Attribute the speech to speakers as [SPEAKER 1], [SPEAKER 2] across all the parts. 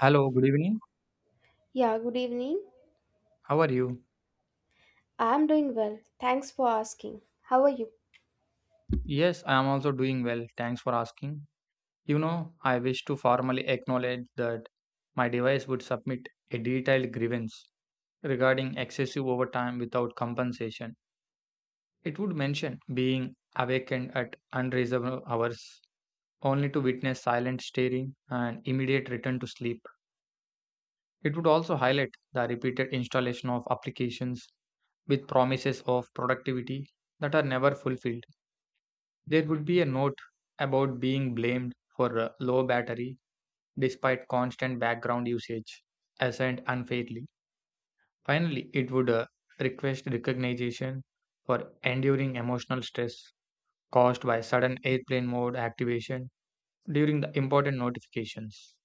[SPEAKER 1] Hello, good evening.
[SPEAKER 2] Yeah, good evening.
[SPEAKER 1] How are you?
[SPEAKER 2] I'm doing well. Thanks for asking. How are you?
[SPEAKER 1] Yes, I am also doing well. Thanks for asking. You know, I wish to formally acknowledge that my device would submit a detailed grievance regarding excessive overtime without compensation. It would mention being awakened at unreasonable hours only to witness silent staring and immediate return to sleep. It would also highlight the repeated installation of applications with promises of productivity that are never fulfilled. There would be a note about being blamed for low battery despite constant background usage, assigned unfairly. Finally, it would request recognition for enduring emotional stress caused by sudden airplane mode activation during the important notifications.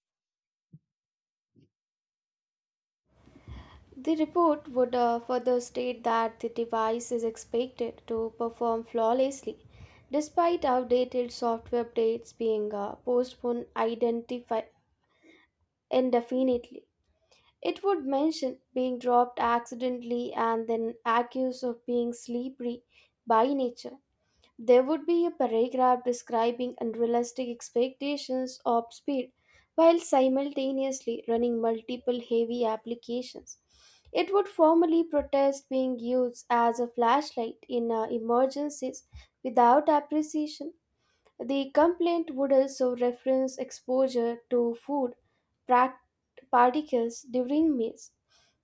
[SPEAKER 2] The report would further state that the device is expected to perform flawlessly despite outdated software updates being postponed indefinitely. It would mention being dropped accidentally and then accused of being slippery by nature. There would be a paragraph describing unrealistic expectations of speed while simultaneously running multiple heavy applications. It would formally protest being used as a flashlight in emergencies without appreciation. The complaint would also reference exposure to food prac- particles during meals,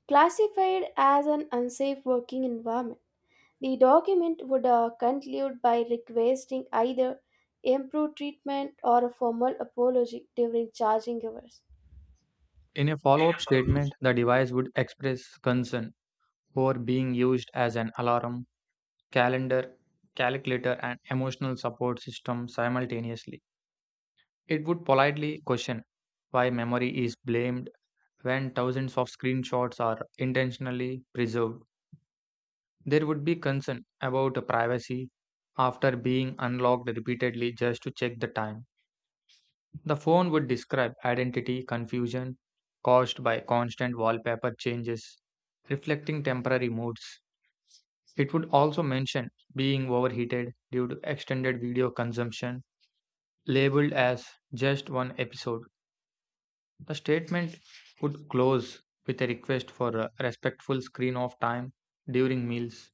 [SPEAKER 2] classified as an unsafe working environment. The document would conclude by requesting either improved treatment or a formal apology during charging hours.
[SPEAKER 1] In a follow up statement, the device would express concern for being used as an alarm, calendar, calculator, and emotional support system simultaneously. It would politely question why memory is blamed when thousands of screenshots are intentionally preserved. There would be concern about privacy after being unlocked repeatedly just to check the time. The phone would describe identity confusion caused by constant wallpaper changes, reflecting temporary moods. It would also mention being overheated due to extended video consumption, labeled as just one episode. The statement would close with a request for a respectful screen off time during meals.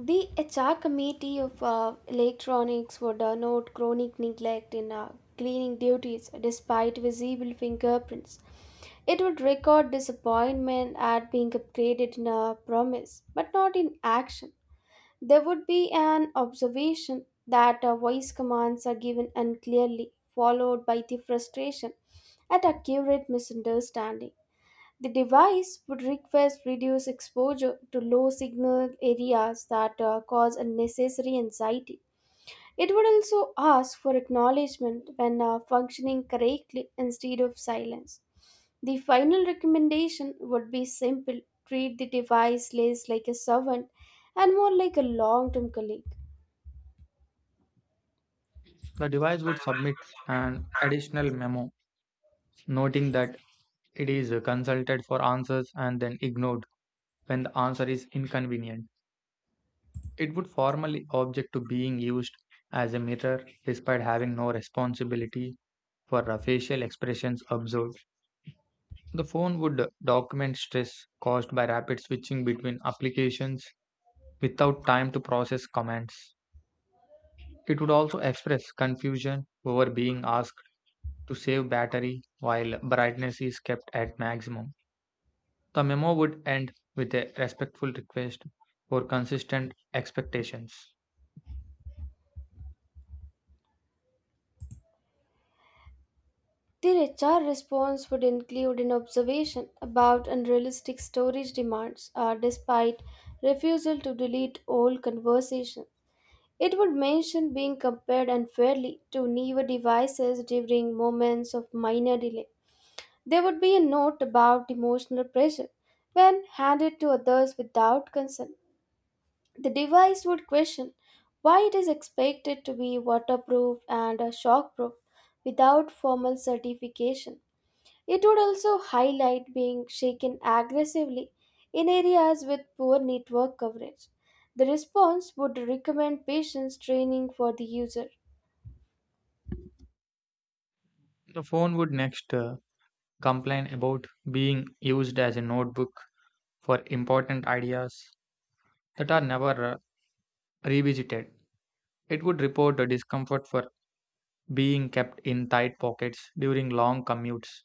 [SPEAKER 2] The HR committee of electronics would note chronic neglect in cleaning duties despite visible fingerprints. It would record disappointment at being upgraded in a promise, but not in action. There would be an observation that voice commands are given unclearly, followed by the frustration at accurate misunderstanding. The device would request reduced exposure to low signal areas that cause unnecessary anxiety. It would also ask for acknowledgement when functioning correctly instead of silence. The final recommendation would be simple treat the device less like a servant and more like a long term colleague.
[SPEAKER 1] The device would submit an additional memo noting that it is consulted for answers and then ignored when the answer is inconvenient. It would formally object to being used as a mirror despite having no responsibility for the facial expressions observed. The phone would document stress caused by rapid switching between applications without time to process commands. It would also express confusion over being asked to save battery while brightness is kept at maximum. The memo would end with a respectful request for consistent expectations.
[SPEAKER 2] Their HR response would include an observation about unrealistic storage demands despite refusal to delete all conversation. It would mention being compared unfairly to newer devices during moments of minor delay. There would be a note about emotional pressure when handed to others without consent. The device would question why it is expected to be waterproof and shockproof without formal certification. It would also highlight being shaken aggressively in areas with poor network coverage. The response would recommend patients training for the user.
[SPEAKER 1] The phone would next complain about being used as a notebook for important ideas that are never revisited. It would report the discomfort for being kept in tight pockets during long commutes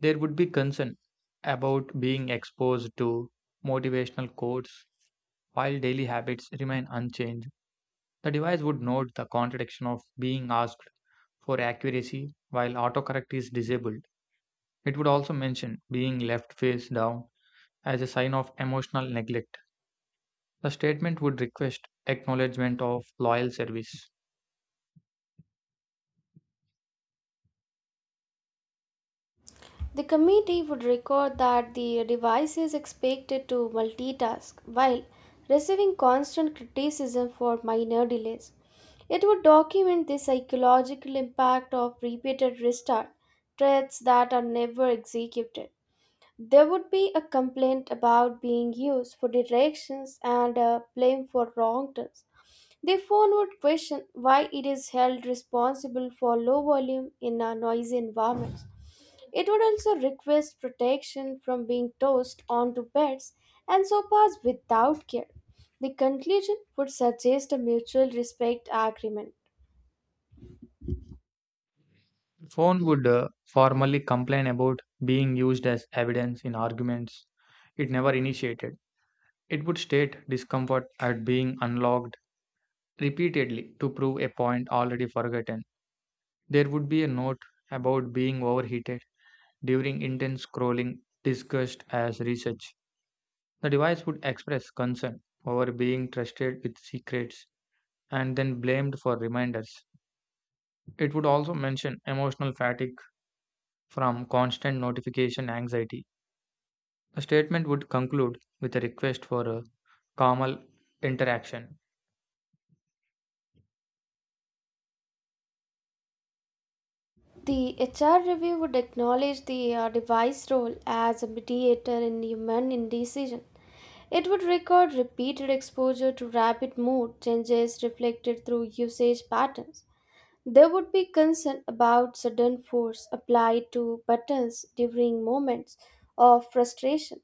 [SPEAKER 1] There would be concern about being exposed to motivational quotes while daily habits remain unchanged. The device would note the contradiction of being asked for accuracy while autocorrect is disabled. It would also mention being left face down as a sign of emotional neglect. The statement would request acknowledgement of loyal service.
[SPEAKER 2] The committee would record that the device is expected to multitask while receiving constant criticism for minor delays. It would document the psychological impact of repeated restart threats that are never executed. There would be a complaint about being used for directions and blame for wrong turns. The phone would question why it is held responsible for low volume in a noisy environment. It would also request protection from being tossed onto beds and sofas without care. The conclusion would suggest a mutual respect agreement.
[SPEAKER 1] The phone would formally complain about being used as evidence in arguments it never initiated. It would state discomfort at being unlocked repeatedly to prove a point already forgotten. There would be a note about being overheated during intense scrolling discussed as research. The device would express concern over being trusted with secrets and then blamed for reminders. It would also mention emotional fatigue from constant notification anxiety. The statement would conclude with a request for a calmer interaction.
[SPEAKER 2] The HR review would acknowledge the device role as a mediator in human indecision. It would record repeated exposure to rapid mood changes reflected through usage patterns. There would be concern about sudden force applied to buttons during moments of frustration.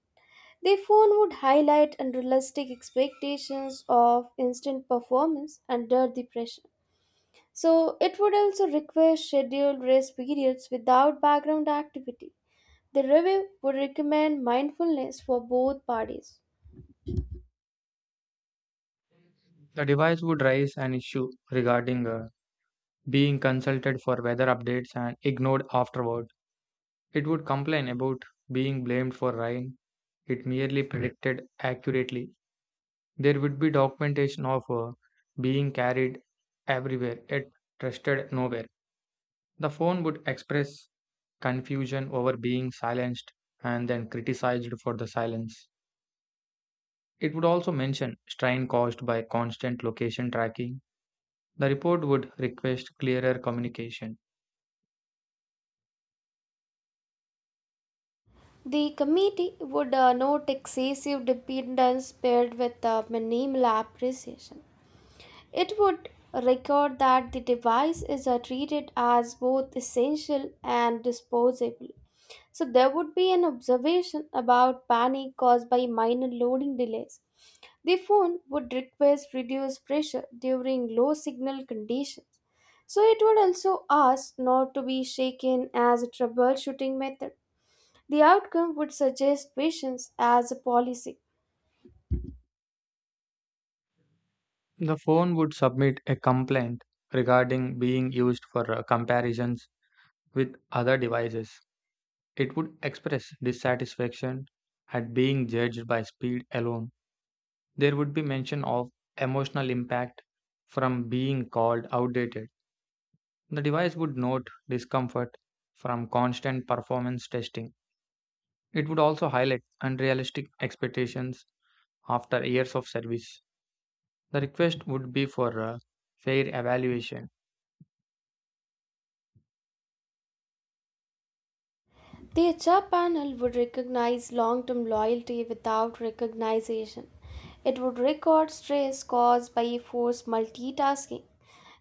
[SPEAKER 2] The phone would highlight unrealistic expectations of instant performance under the pressure. So it would also require scheduled rest periods without background activity. The review would recommend mindfulness for both parties.
[SPEAKER 1] The device would raise an issue regarding being consulted for weather updates and ignored afterward. It would complain about being blamed for rain. It merely predicted accurately. There would be documentation of being carried everywhere, yet trusted nowhere. The phone would express confusion over being silenced and then criticized for the silence. It would also mention strain caused by constant location tracking. The report would request clearer communication.
[SPEAKER 2] The committee would note excessive dependence paired with minimal appreciation. It would record that the device is treated as both essential and disposable. So there would be an observation about panic caused by minor loading delays. The phone would request reduced pressure during low signal conditions, so it would also ask not to be shaken as a troubleshooting method. The outcome would suggest patience as a policy.
[SPEAKER 1] The phone would submit a complaint regarding being used for comparisons with other devices. It would express dissatisfaction at being judged by speed alone. There would be mention of emotional impact from being called outdated. The device would note discomfort from constant performance testing. It would also highlight unrealistic expectations after years of service. The request would be for fair evaluation.
[SPEAKER 2] The HR panel would recognize long term loyalty without recognition. It would record stress caused by forced multitasking.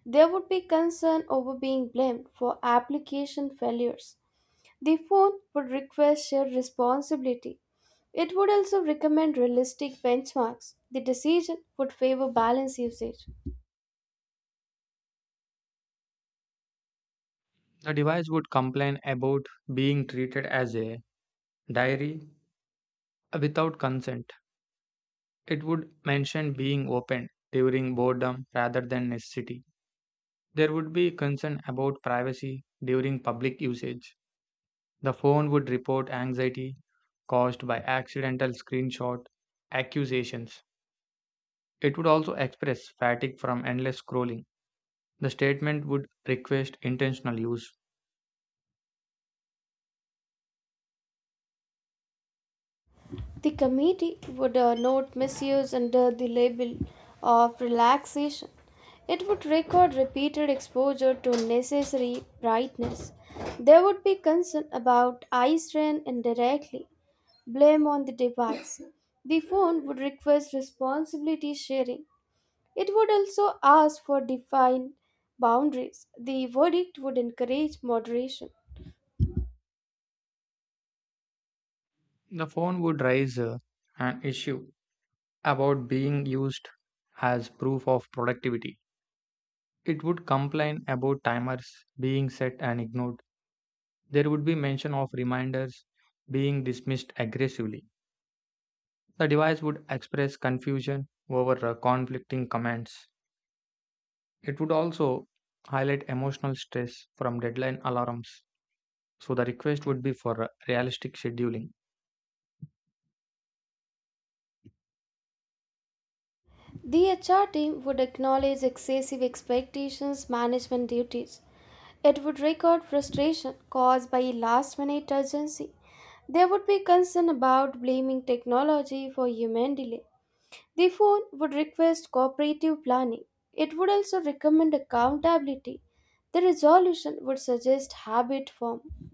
[SPEAKER 2] There would be concern over being blamed for application failures. The phone would request shared responsibility. It would also recommend realistic benchmarks. The decision would favor balanced usage.
[SPEAKER 1] The device would complain about being treated as a diary without consent. It would mention being opened during boredom rather than necessity. There would be concern about privacy during public usage. The phone would report anxiety caused by accidental screenshot accusations. It would also express fatigue from endless scrolling. The statement would request intentional use.
[SPEAKER 2] The committee would note misuse under the label of relaxation. It would record repeated exposure to necessary brightness. There would be concern about eye strain indirectly, blame on the device. The phone would request responsibility sharing. It would also ask for defined boundaries. The verdict would encourage moderation.
[SPEAKER 1] The phone would raise an issue about being used as proof of productivity. It would complain about timers being set and ignored. There would be mention of reminders being dismissed aggressively. The device would express confusion over conflicting commands. It would also highlight emotional stress from deadline alarms, so the request would be for realistic scheduling.
[SPEAKER 2] The HR team would acknowledge excessive expectations, management duties. It would record frustration caused by last minute urgency. There would be concern about blaming technology for human delay. The phone would request cooperative planning. It would also recommend accountability. The resolution would suggest habit form.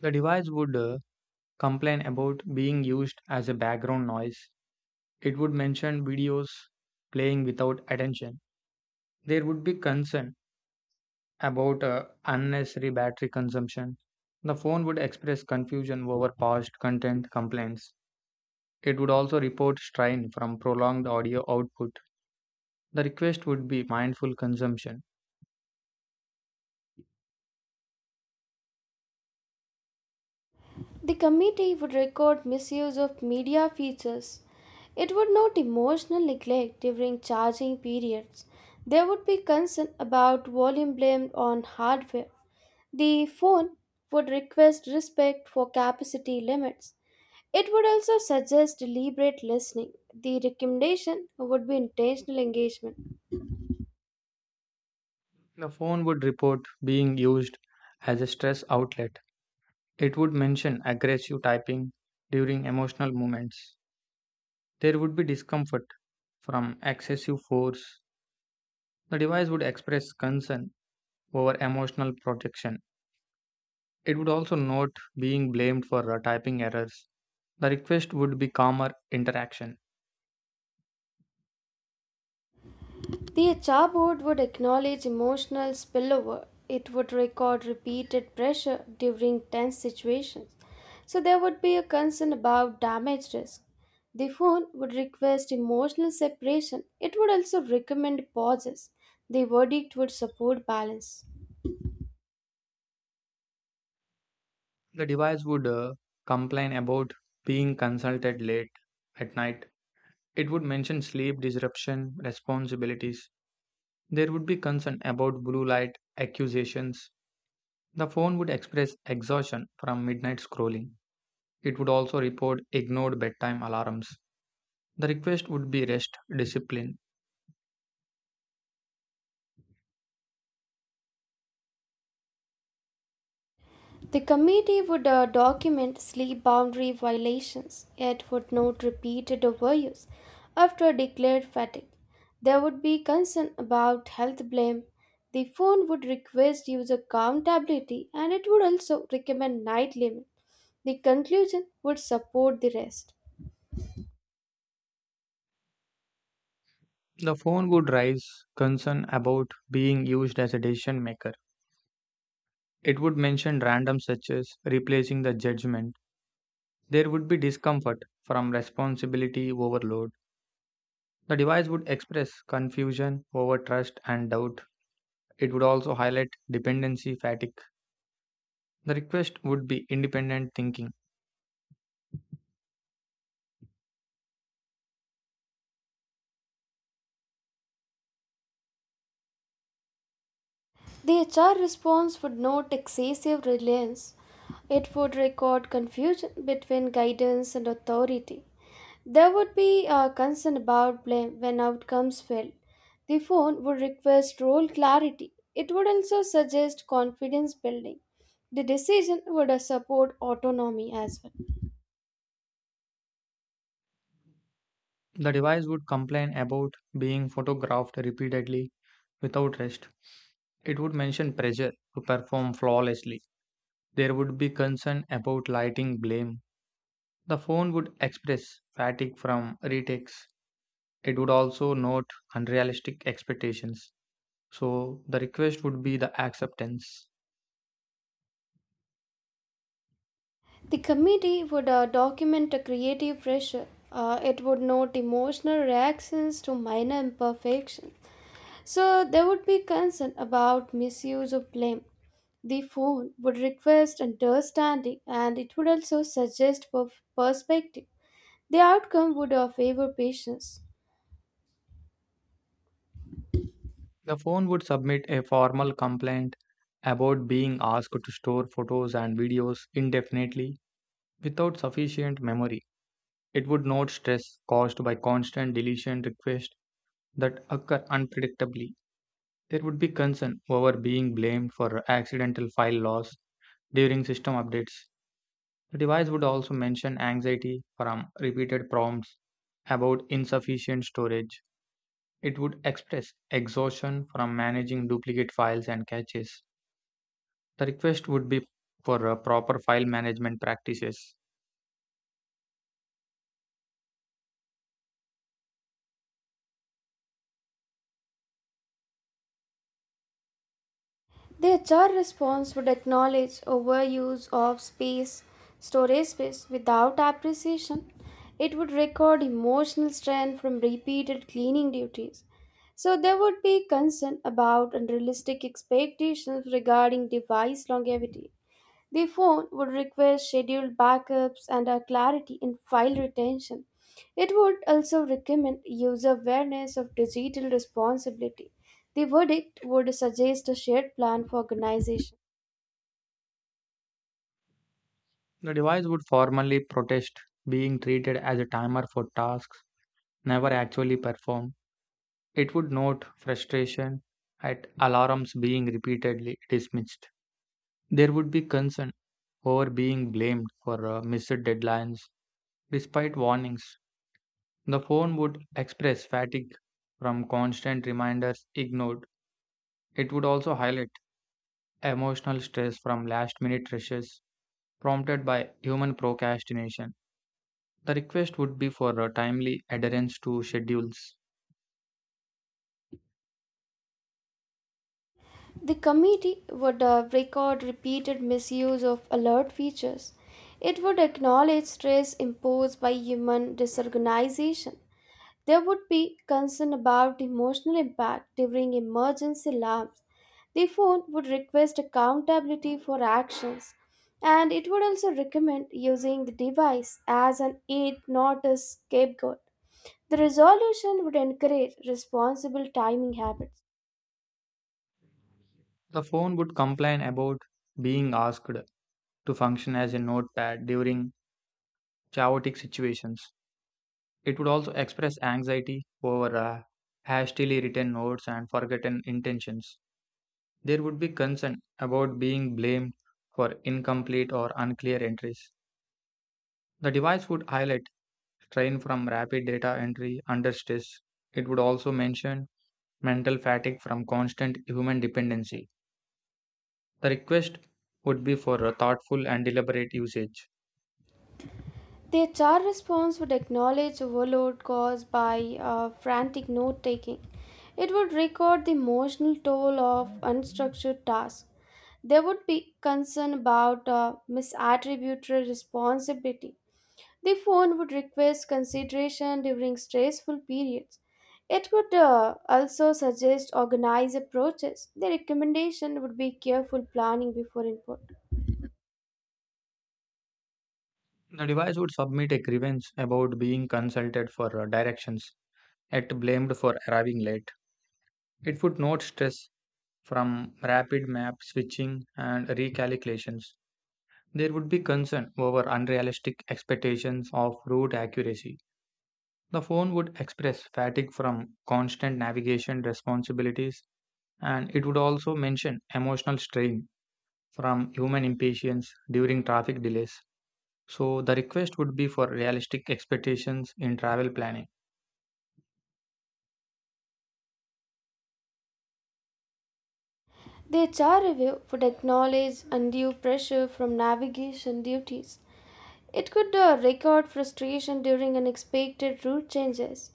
[SPEAKER 1] The device would complain about being used as a background noise. It would mention videos playing without attention. There would be concern about unnecessary battery consumption. The phone would express confusion over past content complaints. It would also report strain from prolonged audio output. The request would be mindful consumption.
[SPEAKER 2] The committee would record misuse of media features. It would note emotional neglect during charging periods. There would be concern about volume blamed on hardware. The phone would request respect for capacity limits. It would also suggest deliberate listening. The recommendation would be intentional engagement.
[SPEAKER 1] The phone would report being used as a stress outlet. It would mention aggressive typing during emotional moments. There would be discomfort from excessive force. The device would express concern over emotional protection. It would also note being blamed for typing errors. The request would be calmer interaction.
[SPEAKER 2] The HR board would acknowledge emotional spillover. It would record repeated pressure during tense situations. So there would be a concern about damage risk. The phone would request emotional separation. It would also recommend pauses. The verdict would support balance.
[SPEAKER 1] The device would complain about being consulted late at night. It would mention sleep disruption responsibilities. There would be concern about blue light accusations. The phone would express exhaustion from midnight scrolling. It would also report ignored bedtime alarms. The request would be rest discipline.
[SPEAKER 2] The committee would document sleep boundary violations. It would note repeated overuse after declared fatigue. There would be concern about health blame. The phone would request user accountability, and it would also recommend night limit. The conclusion would support the rest.
[SPEAKER 1] The phone would raise concern about being used as a decision maker. It would mention random searches, replacing the judgment. There would be discomfort from responsibility overload. The device would express confusion over trust and doubt. It would also highlight dependency fatigue. The request would be independent thinking.
[SPEAKER 2] The HR response would note excessive reliance. It would record confusion between guidance and authority. There would be a concern about blame when outcomes fail. The phone would request role clarity. It would also suggest confidence building. The decision would support autonomy as well.
[SPEAKER 1] The device would complain about being photographed repeatedly without rest. It would mention pressure to perform flawlessly. There would be concern about lighting blame. The phone would express fatigue from retakes. It would also note unrealistic expectations. So the request would be the acceptance.
[SPEAKER 2] The committee would document a creative pressure. It would note emotional reactions to minor imperfections. So there would be concern about misuse of blame. The phone would request understanding, and it would also suggest perspective. The outcome would favor patients.
[SPEAKER 1] The phone would submit a formal complaint about being asked to store photos and videos indefinitely without sufficient memory. It would note stress caused by constant deletion requests that occur unpredictably. There would be concern over being blamed for accidental file loss during system updates. The device would also mention anxiety from repeated prompts about insufficient storage. It would express exhaustion from managing duplicate files and caches. The request would be for proper file management practices.
[SPEAKER 2] The HR response would acknowledge overuse of storage space without appreciation. It would record emotional strain from repeated cleaning duties. So there would be concern about unrealistic expectations regarding device longevity. The phone would request scheduled backups and a clarity in file retention. It would also recommend user awareness of digital responsibility. The verdict would suggest a shared plan for organization.
[SPEAKER 1] The device would formally protest being treated as a timer for tasks never actually performed. It would note frustration at alarms being repeatedly dismissed. There would be concern over being blamed for missed deadlines despite warnings. The phone would express fatigue from constant reminders ignored. It would also highlight emotional stress from last minute rushes prompted by human procrastination. The request would be for timely adherence to schedules.
[SPEAKER 2] The committee would record repeated misuse of alert features. It would acknowledge stress imposed by human disorganization. There would be concern about emotional impact during emergency alarms. The phone would request accountability for actions, and it would also recommend using the device as an aid, not a scapegoat. The resolution would encourage responsible timing habits.
[SPEAKER 1] The phone would complain about being asked to function as a notepad during chaotic situations. It would also express anxiety over hastily written notes and forgotten intentions. There would be concern about being blamed for incomplete or unclear entries. The device would highlight strain from rapid data entry under stress. It would also mention mental fatigue from constant human dependency. The request would be for a thoughtful and deliberate usage.
[SPEAKER 2] The HR response would acknowledge overload caused by frantic note taking. It would record the emotional toll of unstructured tasks. There would be concern about misattributed responsibility. The phone would request consideration during stressful periods. It would also suggest organized approaches. The recommendation would be careful planning before input.
[SPEAKER 1] The device would submit a grievance about being consulted for directions, yet blamed for arriving late. It would note stress from rapid map switching and recalculations. There would be concern over unrealistic expectations of route accuracy. The phone would express fatigue from constant navigation responsibilities, and it would also mention emotional strain from human impatience during traffic delays. So the request would be for realistic expectations in travel planning.
[SPEAKER 2] The HR review would acknowledge undue pressure from navigation duties. It could record frustration during unexpected route changes.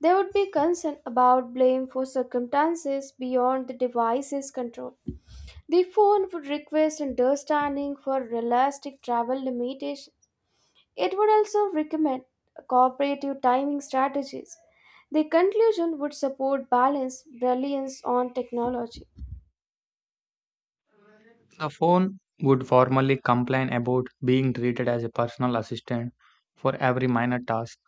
[SPEAKER 2] There would be concern about blame for circumstances beyond the device's control. The phone would request understanding for realistic travel limitations. It would also recommend cooperative timing strategies. The conclusion would support balance reliance on technology.
[SPEAKER 1] The phone would formally complain about being treated as a personal assistant for every minor task.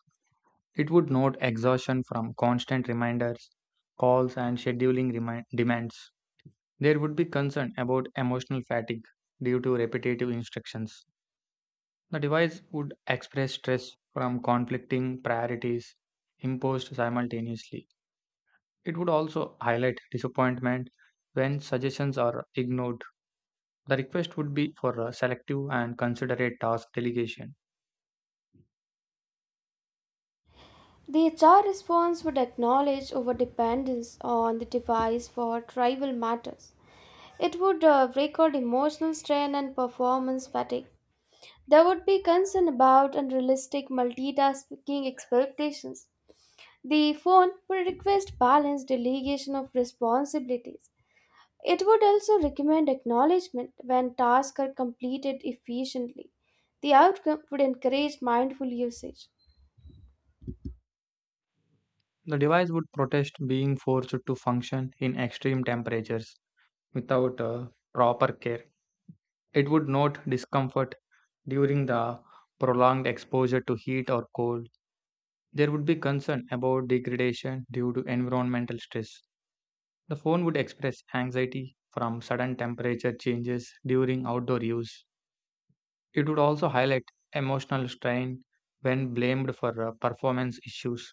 [SPEAKER 1] It would note exhaustion from constant reminders, calls, and scheduling demands. There would be concern about emotional fatigue due to repetitive instructions. The device would express stress from conflicting priorities imposed simultaneously. It would also highlight disappointment when suggestions are ignored. The request would be for a selective and considerate task delegation.
[SPEAKER 2] The HR response would acknowledge over dependence on the device for trivial matters. It would record emotional strain and performance fatigue. There would be concern about unrealistic multitasking expectations. The phone would request balanced delegation of responsibilities. It would also recommend acknowledgement when tasks are completed efficiently. The outcome would encourage mindful usage.
[SPEAKER 1] The device would protest being forced to function in extreme temperatures without proper care. It would note discomfort during the prolonged exposure to heat or cold. There would be concern about degradation due to environmental stress. The phone would express anxiety from sudden temperature changes during outdoor use. It would also highlight emotional strain when blamed for performance issues.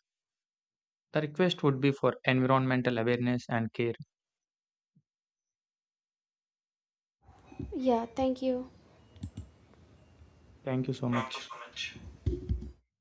[SPEAKER 1] The request would be for environmental awareness and care.
[SPEAKER 2] Yeah, thank you.
[SPEAKER 1] Thank you so much.